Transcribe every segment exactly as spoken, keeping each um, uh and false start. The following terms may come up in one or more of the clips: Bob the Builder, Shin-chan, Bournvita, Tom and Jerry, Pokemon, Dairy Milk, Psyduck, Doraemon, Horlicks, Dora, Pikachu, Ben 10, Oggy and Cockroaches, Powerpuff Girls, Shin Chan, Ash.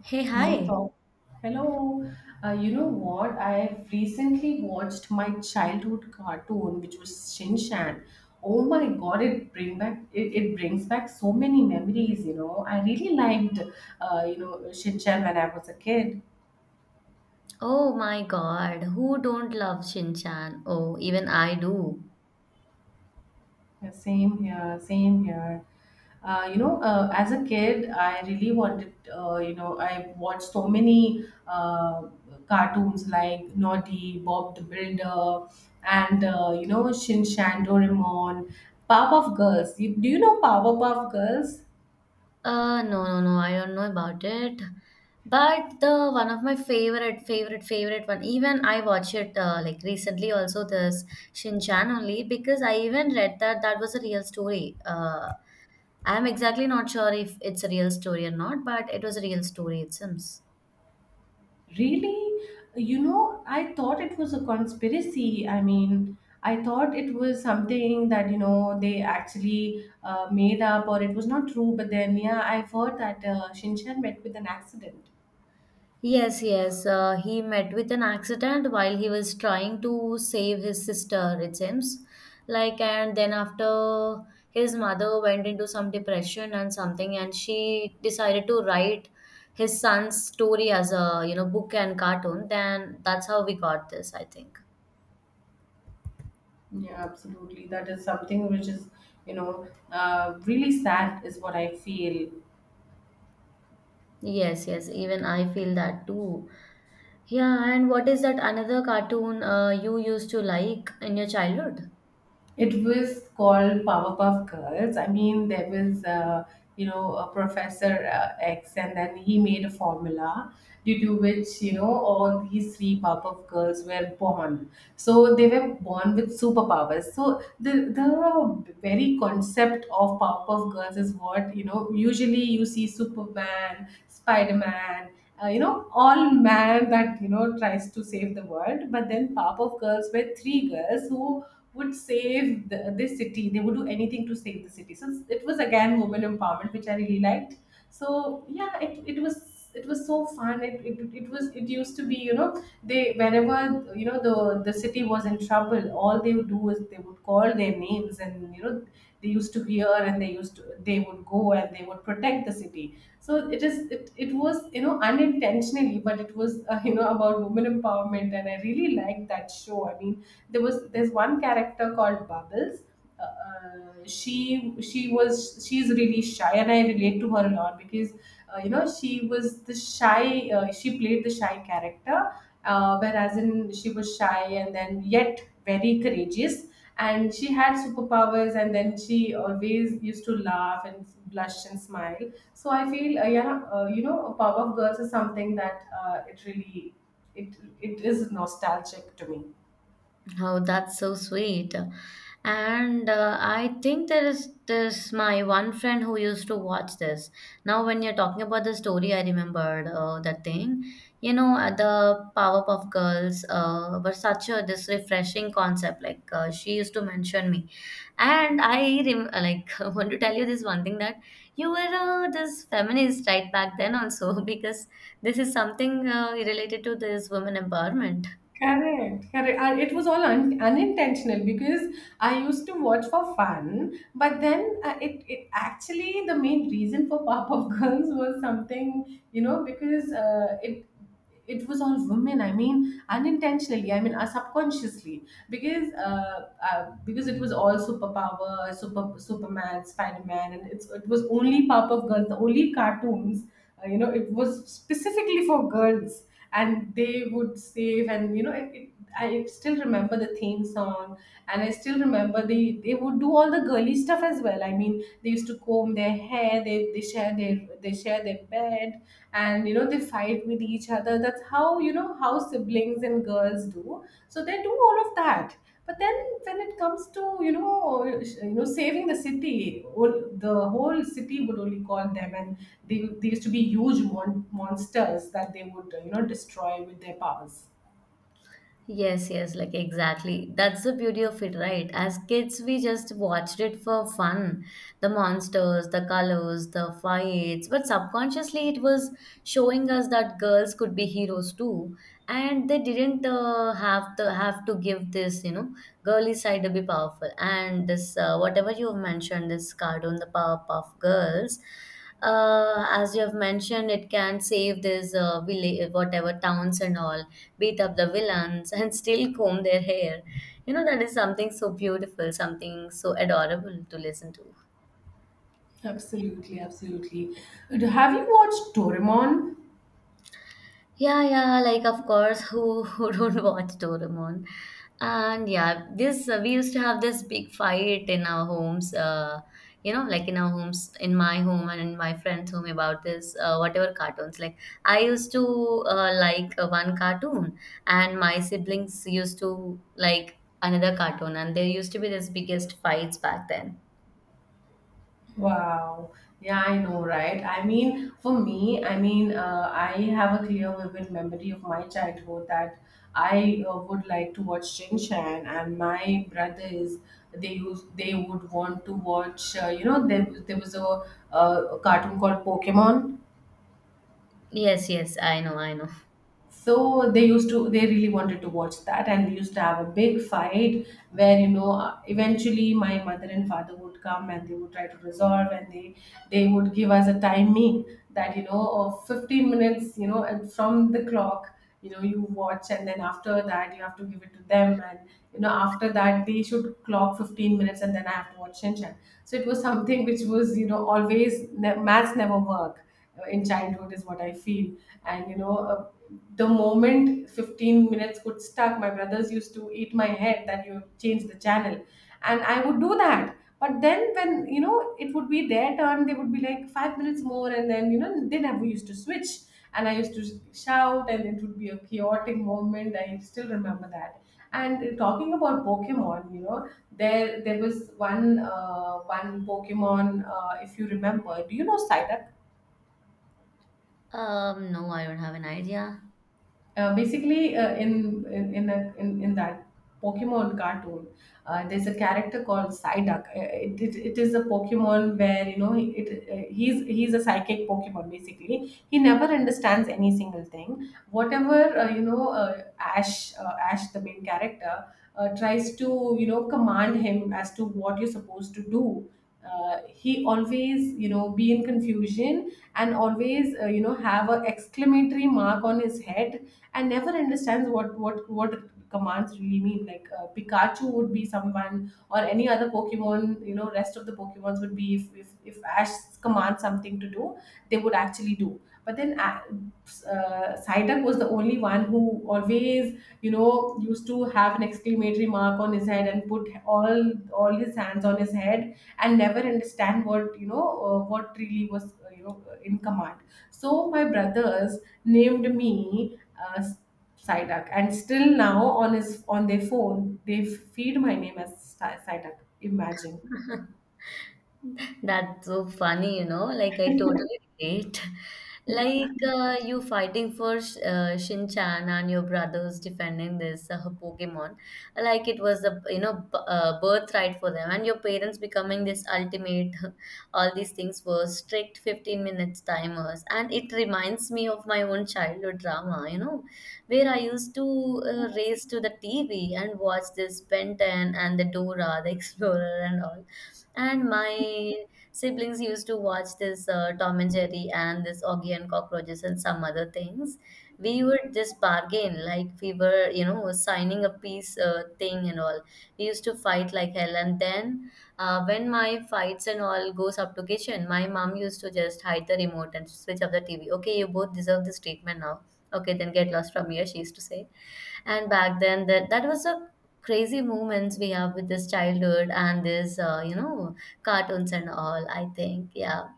Hey, you know hi. talk. Hello. Uh, you know what, I've recently watched my childhood cartoon which was Shinshan. Oh my God, it bring back it, it brings back so many memories. you know I really liked, uh, you know Shinshan when I was a kid. Oh my God, who don't love Shin-chan? Oh, even I do. Yeah, same here, same here. Uh, you know, uh, as a kid, I really wanted, uh, you know, I watched so many, uh, cartoons like Naughty, Bob the Builder, and, uh, you know, Shin Shan Doraemon, Powerpuff Girls. You, do you know Powerpuff Girls? Uh, no, no, no, I don't know about it. But the one of my favorite, favorite, favorite one. Even I watch it uh, like recently also this Shin-chan only because I even read that that was a real story. Uh, I'm exactly not sure if it's a real story or not, but it was a real story, it seems. Really? You know, I thought it was a conspiracy. I mean, I thought it was something that, you know, they actually, uh, made up, or it was not true. But then, yeah, I've heard that, uh, Shinshan met with an accident. Yes, yes. Uh, he met with an accident while he was trying to save his sister, it seems. Like, and then after his mother went into some depression and something, and she decided to write his son's story as a, you know, book and cartoon. Then that's how we got this, I think. Yeah, absolutely. That is something which is, you know, uh, really sad, is what I feel. Yes, yes. Even I feel that too. Yeah, and what is that another cartoon uh, you used to like in your childhood? It was called Powerpuff Girls. I mean, there was, uh, you know, a Professor, uh, X, and then he made a formula due to which, you know, all these three Powerpuff Girls were born. So they were born with superpowers. So the, the very concept of Powerpuff Girls is what, you know, usually you see Superman, Spider Man, uh, you know, all man that, you know, tries to save the world. But then Powerpuff Girls were three girls who would save the, this city. They would do anything to save the city. So it was, again, women empowerment, which I really liked. So yeah, it, it was it was so fun. It, it it was it used to be, you know they — whenever, you know the the city was in trouble, all they would do was they would call their names, and you know they used to hear, and they used to they would go, and they would protect the city. So it is it, it was, you know unintentionally, but it was, uh, you know about women empowerment, and I really liked that show. I mean, there was there's one character called Bubbles. Uh, uh, she she was she's really shy, and I relate to her a lot, because, uh, you know she was the shy uh, she played the shy character, uh, whereas, in she was shy, and then yet very courageous, and she had superpowers, and then she always used to laugh and blush and smile. So I feel, uh, yeah, uh, you know power of girls is something that, uh, it really — it it is nostalgic to me. Oh, that's so sweet. And uh, I think there is this my one friend who used to watch this. Now, when you're talking about the story, I remembered uh, that thing. You know, uh, the Powerpuff Girls uh, were such a this refreshing concept. Like uh, she used to mention me, and I rem- uh, like want to tell you this one thing that you were uh, this feminist right back then also because this is something uh, related to this women empowerment. Correct, correct. And it was all, un- unintentional, because I used to watch for fun, but then, uh, it, it actually, the main reason for Powerpuff Girls was something, you know because, uh, it — it was all women. I mean, unintentionally. I mean, uh, subconsciously, because, uh, uh, because it was all superpower, super Superman, Spider Man, and it's it was only Powerpuff Girls, the only cartoons. Uh, you know, it was specifically for girls, and they would save. And, you know it, it, I still remember the theme song, and I still remember, they they would do all the girly stuff as well. I mean, they used to comb their hair, they they share their they share their bed, and, you know they fight with each other. That's how, you know how siblings and girls do. So they do all of that. But then, when it comes to, you know you know saving the city, all- the whole city would only call them, and they, they used to be huge, mon- monsters that they would, uh, you know destroy with their powers. Yes, yes, like exactly. That's the beauty of it, right? As kids, we just watched it for fun. The monsters, the colors, the fights. But subconsciously, it was showing us that girls could be heroes too. And they didn't uh, have to have to give this, you know, girly side to be powerful. And this, uh, whatever you have mentioned, this cartoon, the Powerpuff Girls, uh, as you have mentioned, it can save this uh, village, whatever towns and all beat up the villains, and still comb their hair. You know, that is something so beautiful, something so adorable to listen to. Absolutely, absolutely. Have you watched Doraemon? Yeah, yeah, like of course, who who don't watch Doraemon? And yeah, this uh, we used to have this big fight in our homes, uh, you know, like in our homes, in my home and in my friend's home about this uh, whatever cartoons. Like I used to uh, like uh, one cartoon, and my siblings used to like another cartoon, and there used to be this biggest fights back then. Wow. Yeah, I know, right? I mean, for me, I mean, uh, I have a clear, vivid memory of my childhood that I, uh, would like to watch Shin Chan, and my brothers, they used, they would want to watch. Uh, you know, there there was a, uh, a cartoon called Pokemon. Yes, yes, I know, I know. So they used to they really wanted to watch that, and we used to have a big fight, where, you know uh, eventually my mother and father would come, and they would try to resolve, and they they would give us a timing, that, you know of fifteen minutes, you know and from the clock, you know you watch, and then after that you have to give it to them, and, you know after that they should clock fifteen minutes, and then I have to watch Shinchan. So it was something which was, you know always, ne- maths never work, uh, in childhood, is what I feel. And, you know uh, the moment fifteen minutes could stuck, my brothers used to eat my head that you change the channel, and I would do that. But then, when, you know it would be their turn, they would be like five minutes more, and then, you know they never used to switch. And I used to shout, and it would be a chaotic moment. I still remember that. And talking about Pokemon, you know, there there was one uh, one Pokemon. Uh, if you remember, do you know Psyduck? Um, no, I don't have an idea. Uh, basically, uh, in in in, a, in in that Pokemon cartoon, uh, there's a character called Psyduck. Uh, It, it, it is a Pokemon where, you know it, uh, he's he's a psychic Pokemon. Basically, he never understands any single thing. Whatever, uh, you know, uh, Ash uh, Ash, the main character, uh, tries to, you know command him as to what you're supposed to do. Uh, he always, you know be in confusion, and always, uh, you know have a exclamatory mark on his head, and never understands what what what commands really mean. Like, uh, Pikachu would be someone, or any other Pokemon. You know, rest of the Pokemons would be — if if, if Ash commands something to do, they would actually do. But then, uh, uh, Psyduck was the only one who always, you know, used to have an exclamatory mark on his head, and put all all his hands on his head, and never understand what, you know uh, what really was, uh, you know in command. So my brothers named me, uh, Psyduck, and still now on his on their phone, they feed my name as Psy- Psyduck. Imagine. That's so funny, you know. Like I totally relate. Like uh, you fighting for Sh- uh, Shin-chan and your brothers defending this uh, Pokemon. Like it was a you know b- uh, birthright for them, and your parents becoming this ultimate. All these things were strict fifteen minutes timers, and it reminds me of my own childhood drama. You know, where I used to uh, race to the T V and watch this Ben ten and the Dora, the Explorer, and all and my siblings used to watch this uh, Tom and Jerry and this Oggy and Cockroaches and some other things. We would just bargain like we were, you know, signing a peace uh, thing and all. We used to fight like hell. And then uh, when my fights and all goes up to kitchen, my mom used to just hide the remote and switch off the T V. Okay, you both deserve this treatment now. Okay, then get lost from here, she used to say. And back then, that that was a crazy moments we have with this childhood and this, uh, you know, cartoons and all. I think, yeah,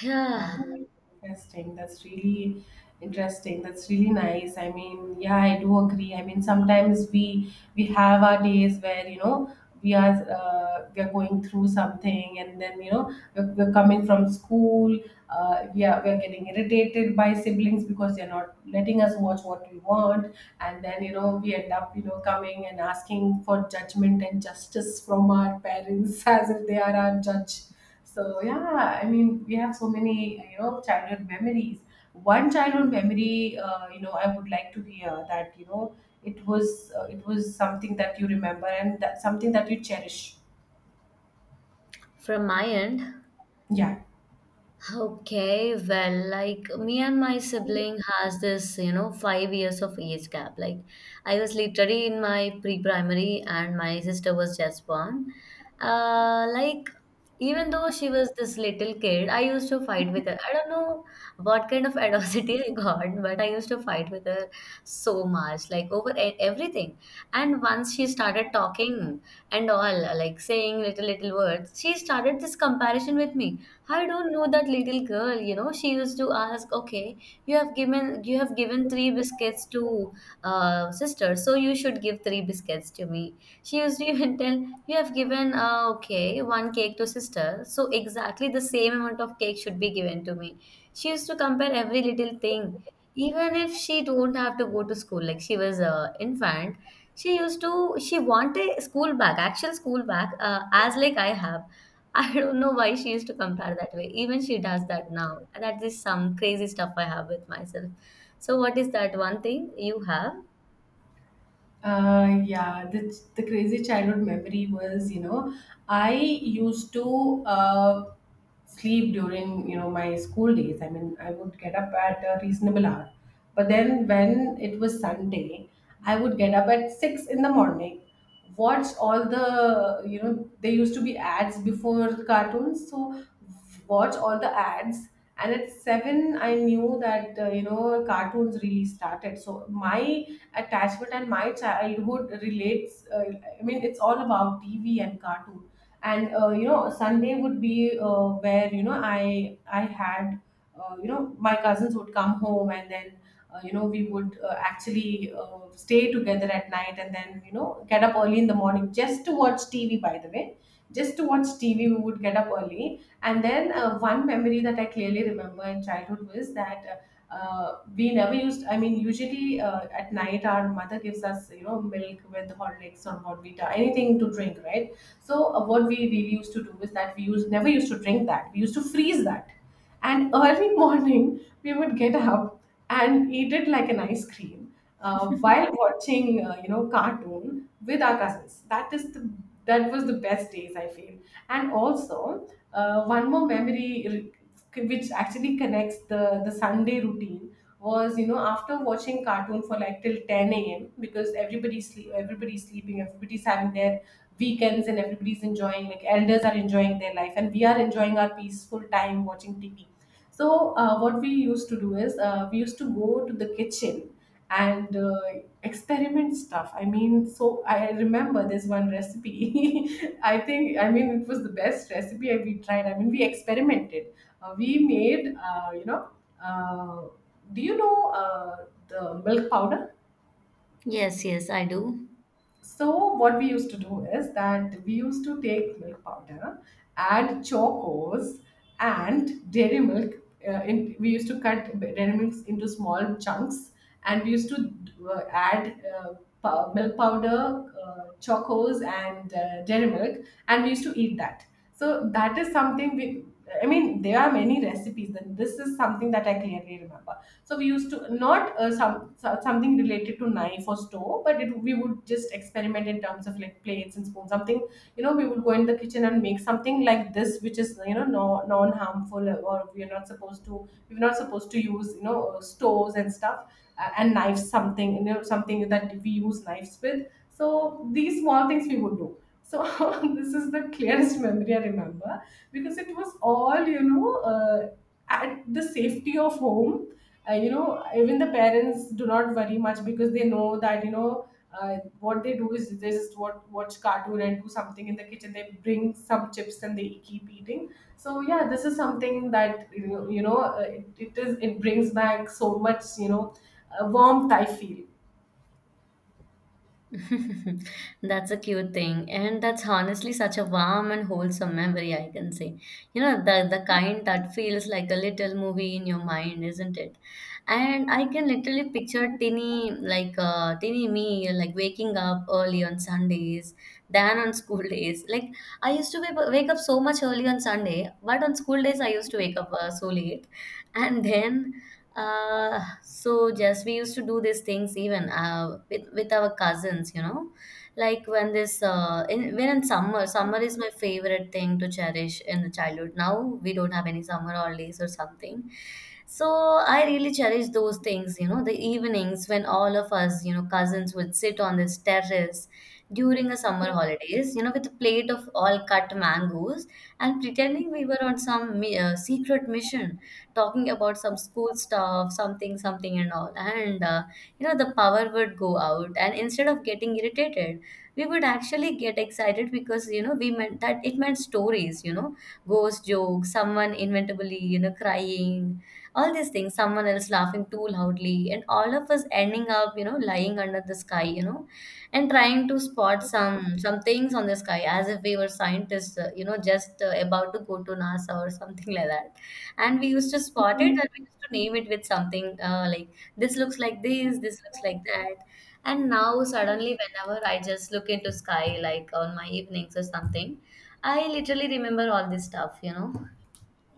yeah. Um, interesting. That's really interesting. That's really nice. I mean, yeah, I do agree. I mean, sometimes we we have our days where, you know we are uh, we are going through something, and then, you know we're, we're coming from school. Uh, yeah, we're getting irritated by siblings because they're not letting us watch what we want, and then, you know we end up, you know coming and asking for judgment and justice from our parents as if they are our judge. So yeah, I mean, we have so many, you know childhood memories. One childhood memory, uh, you know, I would like to hear that, you know it was uh, it was something that you remember, and that something that you cherish. From my end, Yeah. okay, well, like me and my sibling has this, you know, five years of age gap. Like I was literally in my pre-primary and my sister was just born. Uh, like even though she was this little kid, I used to fight with her. I don't know what kind of adversity I got, but I used to fight with her so much, like over e- everything. And once she started talking and all, like saying little little words, she started this comparison with me. I don't know that little girl, you know, she used to ask, okay, you have given you have given three biscuits to uh, sister, so you should give three biscuits to me. She used to even tell, you have given uh, okay, one cake to sister, so exactly the same amount of cake should be given to me. She used to compare every little thing, even if she don't have to go to school, like she was a infant. She used to she wanted school bag, actual school bag, uh, as like I have. I don't know why she used to compare that way. Even she does that now. That is some crazy stuff I have with myself. So, what is that one thing you have? Uh, yeah, the, the crazy childhood memory was, you know, I used to, uh, sleep during, you know, my school days. I mean, I would get up at a reasonable hour. But then when it was Sunday, I would get up at six in the morning, watch all the, you know, there used to be ads before cartoons. So watch all the ads. And at seven, I knew that, uh, you know, cartoons really started. So my attachment and my childhood relates. Uh, i mean, it's all about TV and cartoon, and, uh, you know Sunday would be, uh, where, you know i i had, uh, you know my cousins would come home, and then, uh, you know we would, uh, actually uh, stay together at night, and then, you know get up early in the morning, just to watch TV, by the way, just to watch TV, we would get up early. And then, uh, one memory that I clearly remember in childhood was that, uh, uh, we never used, I mean, usually, uh, at night our mother gives us, you know, milk with Horlicks or Bournvita, anything to drink, right? So, uh, what we really used to do is that, we used, never used to drink that. We used to freeze that. And early morning, we would get up and eat it like an ice cream, uh, while watching, uh, you know cartoon with our cousins. That is the that was the best days, I feel. And also, uh, one more memory, re- which actually connects the the Sunday routine was, you know after watching cartoon for like till ten a m. because everybody's sleep everybody's sleeping, everybody's having their weekends, and everybody's enjoying, like, elders are enjoying their life, and we are enjoying our peaceful time watching TV. So, uh, what we used to do is, uh, we used to go to the kitchen and, uh, experiment stuff. I mean, so I remember there's one recipe. I think, I mean, it was the best recipe we tried. I mean, we experimented. Uh, we made, uh, you know, uh, do you know uh, the milk powder? Yes, yes, I do. So what we used to do is that we used to take milk powder, add chocos and dairy milk. Uh, in, we used to cut dairy milks into small chunks, and we used to uh, add uh, pow- milk powder, uh, chocos, and uh, dairy milk, and we used to eat that. So that is something we. I mean, there are many recipes, and this is something that I clearly remember. So we used to not uh, some so- something related to knife or stove, but it, we would just experiment in terms of like plates and spoons. Something you know, we would go in the kitchen and make something like this, which is you know no, non harmful, or we are not supposed to we are not supposed to use you know stoves and stuff uh, and knives something you know something that we use knives with. So these small things we would do. So this is the clearest memory I remember because it was all you know uh, at the safety of home, uh, you know even the parents do not worry much because they know that you know uh, what they do is they just watch, watch cartoon and do something in the kitchen. They bring some chips and they keep eating. So yeah, this is something that you know you know, uh, it, it is it brings back so much, you know, uh, warmth I feel. That's a cute thing, and that's honestly such a warm and wholesome memory, I can say. You know, the the kind that feels like a little movie in your mind, isn't it? And I can literally picture teeny like uh, teeny me like waking up early on Sundays than on school days. Like I used to wake up wake up so much early on Sunday, but on school days I used to wake up uh, so late, and then uh, so yes, we used to do these things even uh, with with our cousins, you know, like when this uh, in when in summer, summer is my favorite thing to cherish in the childhood. Now we don't have any summer holidays or something, so I really cherish those things, you know, the evenings when all of us, you know, cousins would sit on this terrace during the summer holidays, you know, with a plate of all cut mangoes and pretending we were on some mi- uh, secret mission talking about some school stuff, something, something, and all. And, uh, you know, the power would go out. And instead of getting irritated, we would actually get excited because, you know, we meant that it meant stories, you know, ghost jokes, someone inevitably, you know, crying, all these things, someone else laughing too loudly, and all of us ending up, you know, lying under the sky, you know, and trying to spot some some things on the sky as if we were scientists, uh, you know, just uh, about to go to NASA or something like that, and we used to spot it and we used to name it with something uh, like, this looks like this this looks like that. And now suddenly whenever I just look into sky like on my evenings or something, I literally remember all this stuff, you know.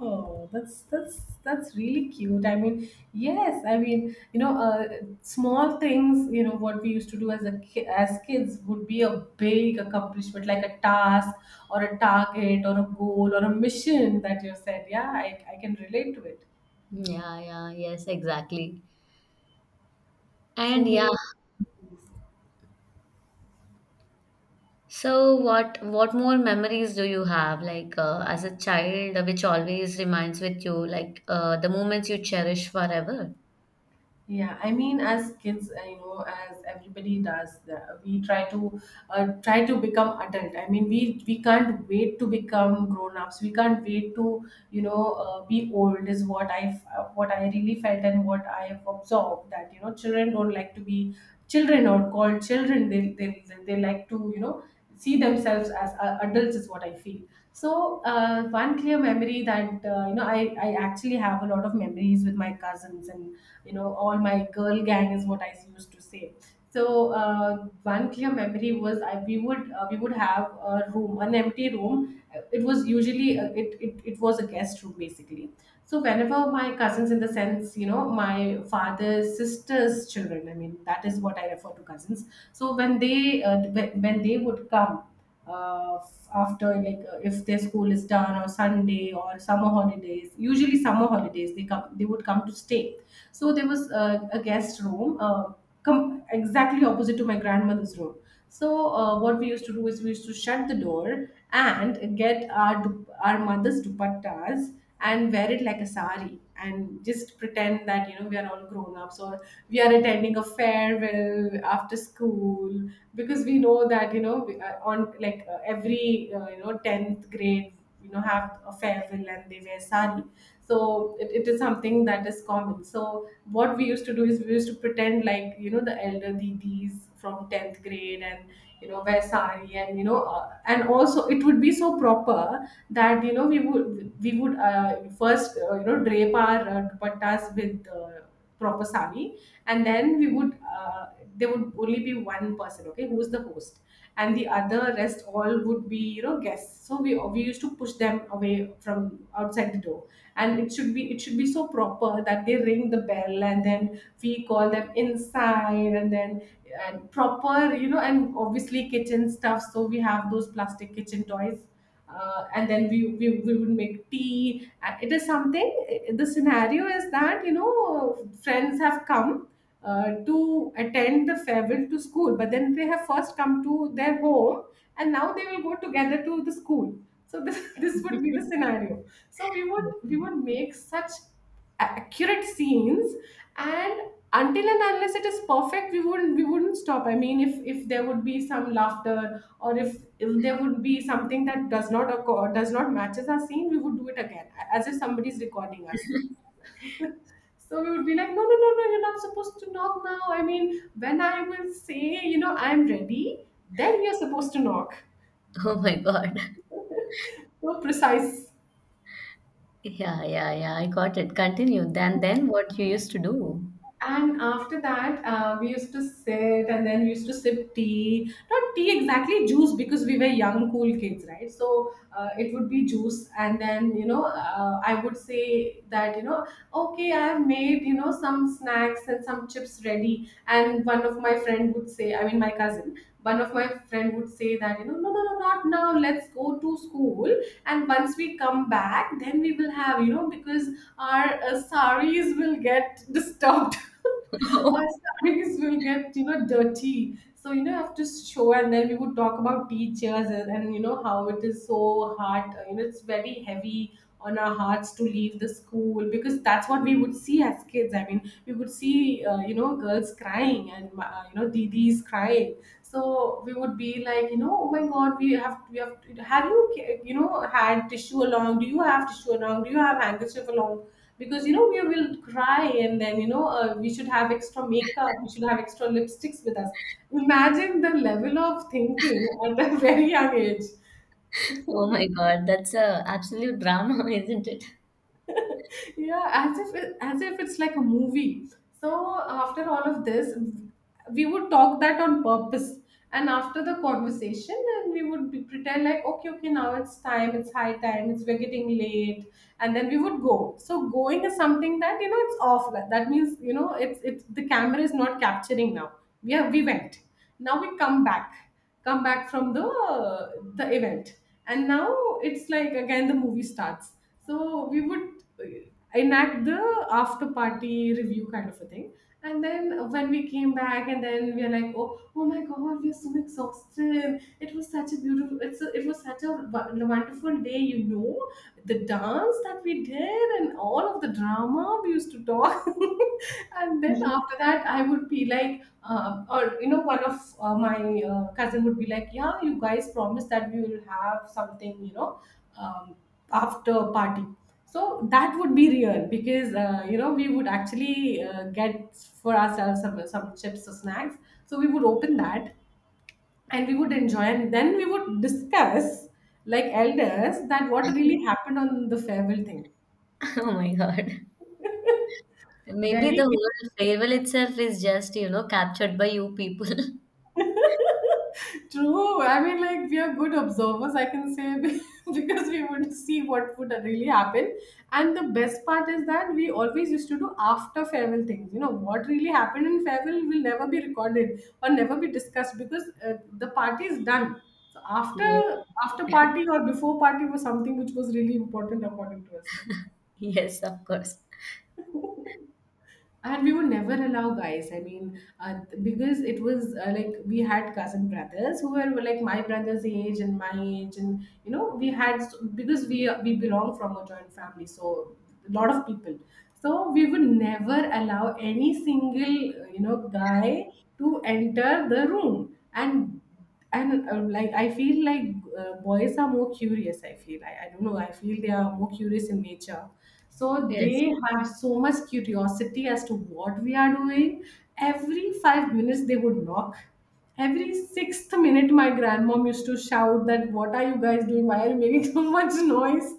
Oh, that's that's that's really cute. I mean, yes, I mean, you know, uh, small things, you know, what we used to do as a ki- as kids would be a big accomplishment, like a task or a target or a goal or a mission that you said. Yeah, I, I can relate to it. Yeah, yeah, yes, exactly. So And yeah, many. so what what more memories do you have like uh, as a child uh, which always remains with you, like uh, the moments you cherish forever? Yeah, I mean, as kids, uh, you know, as everybody does, uh, we try to uh, try to become adult. I mean, we we can't wait to become grown ups. We can't wait to, you know, uh, be old. Is what I f- uh, what I really felt, and what I have observed that you know children don't like to be children or called children. They they they like to, you know, see themselves as uh, adults is what I feel. So uh, one clear memory that uh, you know, I, I actually have a lot of memories with my cousins, and you know all my girl gang is what I used to say. So uh, one clear memory was I, we would uh, we would have a room, an empty room. It was usually uh, it, it it was a guest room basically. So whenever my cousins, in the sense, you know, my father's sister's children, I mean, that is what I refer to cousins. So when they they uh, wh- when they would come uh, after like uh, if their school is done, or Sunday or summer holidays, usually summer holidays they come, they would come to stay. So there was uh, a guest room uh, com- exactly opposite to my grandmother's room. So uh, what we used to do is we used to shut the door and get our dup- our mother's dupattas and wear it like a sari and just pretend that you know we are all grown ups, or we are attending a farewell after school, because we know that you know we- uh, on like uh, every uh, you know tenth grade you know have a fair farewell and they wear sari. So it, it is something that is common. So what we used to do is we used to pretend like, you know, the elder didis from tenth grade, and you know wear sari, and you know, uh, and also it would be so proper that you know we would we would uh, first uh, you know drape our uh dupatas with uh, proper sari, and then we would uh, there would only be one person, okay, who's the host, and the other rest all would be you know guests. So we we used to push them away from outside the door, and it should be it should be so proper that they ring the bell, and then we call them inside, and then and proper, you know, and obviously kitchen stuff. So we have those plastic kitchen toys, uh, and then we, we we would make tea, and it is something, the scenario is that you know friends have come uh, to attend the farewell to school, but then they have first come to their home, and now they will go together to the school. So this this would be the scenario. So we would we would make such accurate scenes, and until and unless it is perfect we wouldn't we wouldn't stop. I mean, if if there would be some laughter, or if if there would be something that does not occur does not matches our scene, we would do it again, a- as if somebody's recording us. So we would be like, no no no no, you're not supposed to knock now. I mean, when I will say, you know, I'm ready, then you're supposed to knock. Oh my god. So precise. Yeah, yeah, yeah. I got it. Continue. Then, then what you used to do? And after that, uh, we used to sit and then we used to sip tea. Not tea exactly, juice, because we were young, cool kids, right? So uh, it would be juice. And then, you know, uh, I would say that, you know, okay, I have made, you know, some snacks and some chips ready. And one of my friend would say, I mean, my cousin, one of my friend would say that, you know, no, no, no, not now. Let's go to school. And once we come back, then we will have, you know, because our uh, saris will get disturbed. Our saris will get, you know, dirty. So, you know, after show, and then we would talk about teachers, and, and you know, how it is so hard. uh, You know, it's very heavy on our hearts to leave the school because that's what we would see as kids. I mean, we would see, uh, you know, girls crying, and uh, you know, didis crying. So we would be like, you know, oh my God, we have, we have, have you, you know, had tissue along? Do you have tissue along? Do you have handkerchief along? Because you know we will cry, and then you know uh, we should have extra makeup, we should have extra lipsticks with us. Imagine the level of thinking at a very young age. Oh my God, that's a absolute drama, isn't it? Yeah, as if it, as if it's like a movie. So after all of this, we would talk that on purpose, and after the conversation, and we would be, pretend like, okay okay, now it's time, it's high time, it's we're getting late. And then we would go. So going is something that you know it's off, that that means you know it's it's the camera is not capturing now. We have, we went. Now we come back, come back from the the event, and now it's like again the movie starts. So we would uh, enact the after party review kind of a thing. And then when we came back, and then we are like, oh oh my god, we are so exhausted, it was such a beautiful, it's a, it was such a wo- wonderful day, you know, the dance that we did and all of the drama, we used to talk. And then after that I would be like, uh, or you know one of uh, my uh, cousin would be like, yeah, you guys promised that we will have something, you know, um, after party. So that would be real, because uh, you know we would actually uh, get for ourselves some, some chips or snacks. So we would open that and we would enjoy, and then we would discuss like elders, that what really happened on the farewell thing. Oh my God. Maybe Very the whole fable itself is just, you know, captured by you people. true. I mean, like, we are good observers, I can say, because we would see what would really happen. And the best part is that we always used to do after farewell things. You know, what really happened in farewell will never be recorded or never be discussed because uh, the party is done. So Yeah. after after party or before party was something which was really important according to us. Yes, of course. And we would never allow guys. I mean uh, because it was uh, like we had cousin brothers who were like my brother's age and my age, and you know we had, because we we belong from a joint family, so a lot of people. So we would never allow any single uh, you know guy to enter the room. And and um, like I feel like uh, boys are more curious, I feel. I, I don't know, I feel they are more curious in nature, so Yes. they have so much curiosity as to what we are doing. Every five minutes they would knock. Every sixth minute my grandmom used to shout that, what are you guys doing, why are you making so much noise?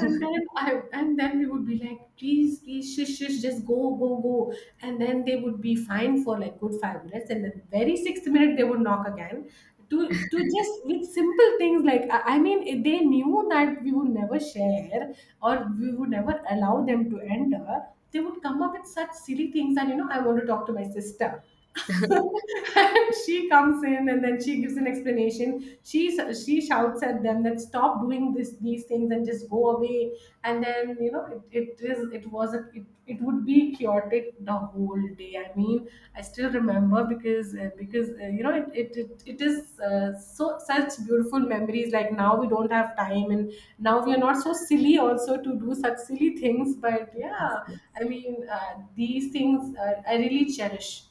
And then i and then we would be like, please please, shush shush, just just go, go, go. And then they would be fine for like good five minutes. And the very sixth minute, they would knock again. To, to just, with simple things like, I I mean if they knew that we would never share or we would never allow them to enter, they would come up with such silly things and, you know, I want to talk to my sister. Yes. And she comes in and then she gives an explanation, she s- she shouts at them that stop doing this, these things, and just go away. And then, you know, it, it is it was a, it, it would be chaotic the whole day, I mean. I still remember, because uh, because uh, you know it it, it, it is uh, so, such beautiful memories. Like, now we don't have time, and now we are not so silly also to do such silly things, but yeah, I mean, uh, these things uh, I really cherish.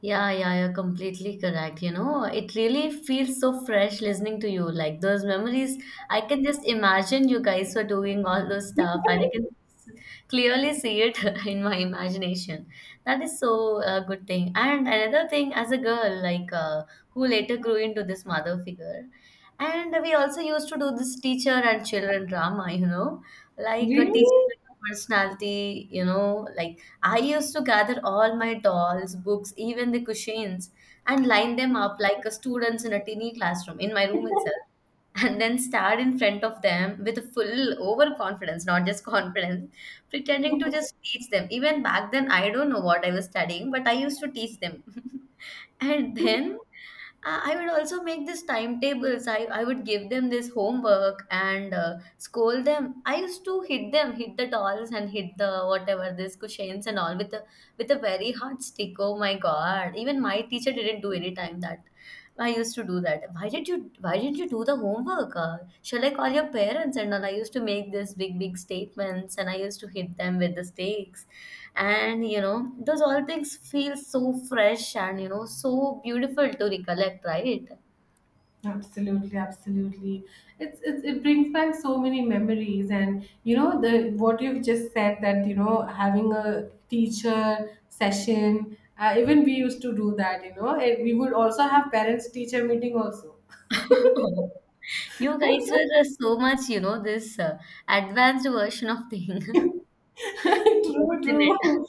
Yeah, yeah, you're completely correct. You know, it really feels so fresh listening to you. Like those memories, I can just imagine you guys were doing all those stuff, and I can s- clearly see it in my imagination. That is so a good thing. And another thing, as a girl, like uh, who later grew into this mother figure, and we also used to do this teacher and children drama. You know, like a teacher Really? personality. You know, like I used to gather all my dolls, books, even the cushions, and line them up like a students in a teeny classroom in my room itself, and then stand in front of them with a full overconfidence, not just confidence, pretending to just teach them. Even back then, I don't know what I was studying, but I used to teach them. And then uh, I would also make these timetables. I, I would give them this homework and uh, scold them. I used to hit them, hit the dolls and hit the whatever this cushions and all with a with a very hard stick. Oh my god! Even my teacher didn't do any time that I used to do that. Why did you why didn't you do the homework? Uh, shall I call your parents? And all I used to make these big, big statements and I used to hit them with the stakes. And you know, those all things feel so fresh and you know, so beautiful to recollect, right? Absolutely, absolutely. It's, it's it brings back so many memories. And you know, the what you've just said, that you know, having a teacher session. Uh, even we used to do that. You know, and we would also have parents teacher meeting also. You guys were uh, so much, you know, this uh, advanced version of thing. Pros True, in it. true.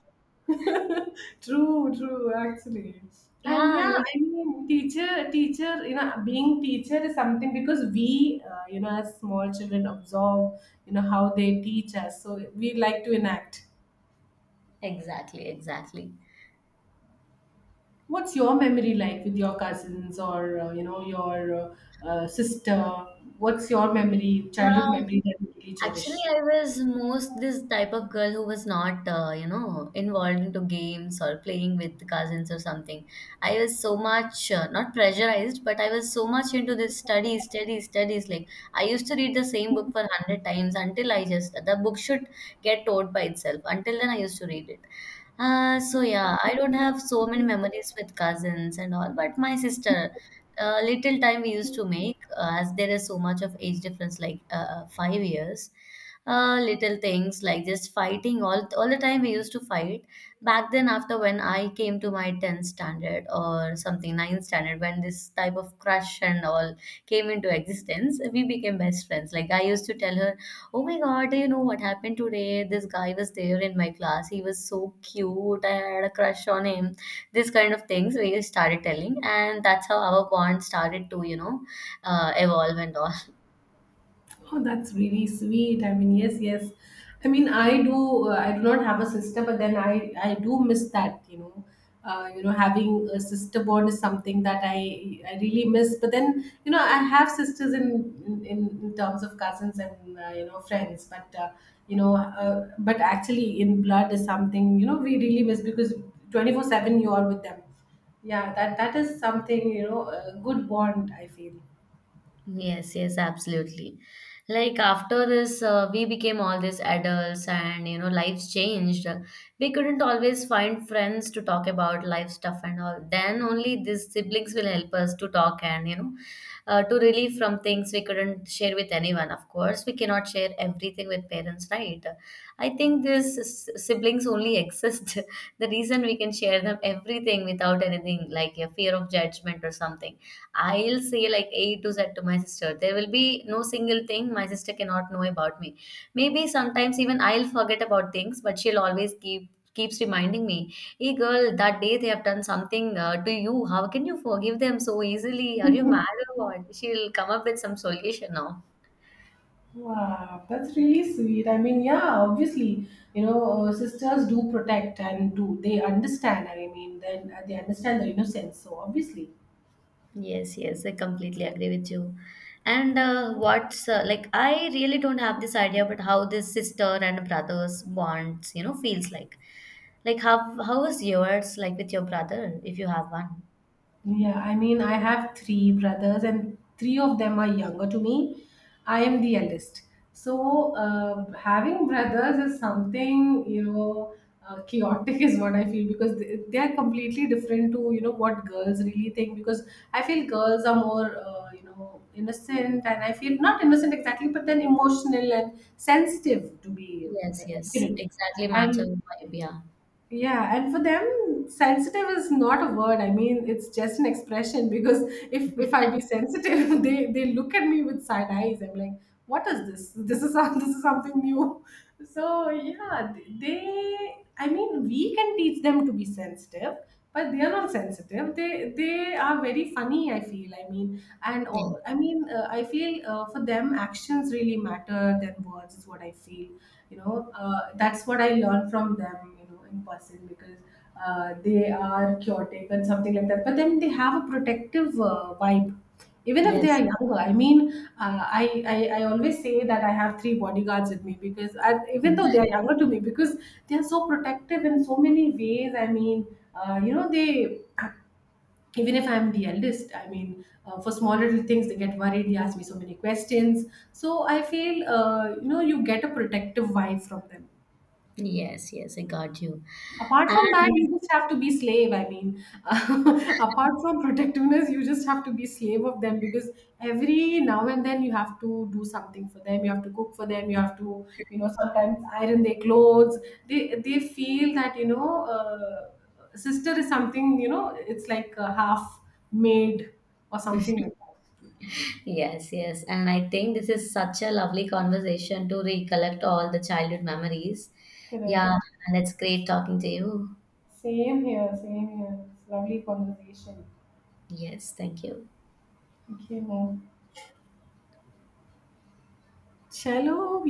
True, true, actually. And Yeah, yeah, like I mean, teacher, teacher, you know, being teacher is something, because we, uh, you know, as small children absorb, you know, how they teach us. So we like to enact. exactly, exactly. What's your memory like with your cousins, or, uh, you know, your uh, uh, sister? What's your memory, childhood Yeah, memory that you really actually, cherish? I was most this type of girl who was not, uh, you know, involved into games or playing with cousins or something. I was so much, uh, not pressurized, but I was so much into this studies, studies, studies. Like, I used to read the same book for one hundred times until I just, the book should get taught by itself. Until then, I used to read it. Uh, so yeah, I don't have so many memories with cousins and all, but my sister, uh, little time we used to make, uh, as there is so much of age difference, like uh, uh, five years. Uh, little things like just fighting all all the time we used to fight. Back then, after when I came to my tenth standard or something, ninth standard, when this type of crush and all came into existence, we became best friends. Like I used to tell her, oh my God, do you know what happened today? This guy was there in my class. He was so cute. I had a crush on him. This kind of things we started telling, and that's how our bond started to, you know, uh, evolve and all. Oh, that's really sweet. I mean, yes, yes. I mean, I do. Uh, I do not have a sister, but then I I do miss that. You know, uh, you know, having a sister bond is something that I I really miss. But then you know, I have sisters in in, in terms of cousins and, uh, you know, friends. But uh, you know, uh, but actually in blood is something, you know, we really miss, because twenty four seven you are with them. Yeah, that that is something, you know, a good bond, I feel. Yes, yes, absolutely. Like after this, uh, we became all these adults, and you know, lives changed. We couldn't always find friends to talk about life stuff and all. Then only these siblings will help us to talk, and you know, uh, to relieve from things we couldn't share with anyone. Of course, we cannot share everything with parents, right? I think these s- siblings only exist. The reason we can share them everything without anything like a fear of judgment or something. I'll say like A to Z to my sister. There will be no single thing my sister cannot know about me. Maybe sometimes even I'll forget about things, but she'll always keep keeps reminding me, "Hey girl, that day they have done something uh, to you. How can you forgive them so easily? Are you mad or what?" She'll come up with some solution now. Wow, that's really sweet. I mean, yeah, obviously, you know, uh, sisters do protect. And do they understand? I mean, then uh, they understand the innocence. So obviously, Yes, yes, I completely agree with you. And uh, what's uh, like, I really don't have this idea, but how this sister and brothers bonds, you know, feels like. Like, how how is yours like with your brother if you have one? yeah, I mean, I have three brothers, and three of them are younger to me. I am the eldest. So, uh, having brothers is something, you know, uh, chaotic is what I feel, because they, they are completely different to, you know, what girls really think. Because I feel girls are more, uh, you know, innocent. And I feel not innocent exactly, but then emotional and sensitive, to be Yes, uh, yes, accurate. exactly. Matter And vibe, yeah. yeah, and for them, sensitive is not a word. I mean, it's just an expression. Because if if I be sensitive, they they look at me with side eyes. I'm like, what is this? This is some- this is something new. So yeah, they, I mean, we can teach them to be sensitive, but they are not sensitive. They they are very funny, I feel. I mean, and uh, I mean, uh, I feel, uh, for them, actions really matter than words, is what I feel. You know, uh, that's what I learned from them, you know, in person. Because uh, they are chaotic and something like that. But then they have a protective uh, vibe. Even if they are Yes, younger, I mean, uh, I, I I always say that I have three bodyguards with me, because I, even though they are younger to me, because they are so protective in so many ways. I mean, uh, you know, they, even if I'm the eldest, I mean, uh, for small little things they get worried. They ask me so many questions. So I feel, uh, you know, you get a protective vibe from them. yes, yes, I got you. Apart from that, you And just have to be slave, I mean, apart from protectiveness you just have to be slave of them, because every now and then you have to do something for them, you have to cook for them, you have to, you know, sometimes iron their clothes. they they feel that, you know, uh, sister is something, you know, it's like a half maid or something like that. yes, yes, and I think this is such a lovely conversation to recollect all the childhood memories. Correct. Yeah, and it's great talking to you. Same here, same here, it's lovely conversation. Yes, thank you. Thank you, ma'am. चलो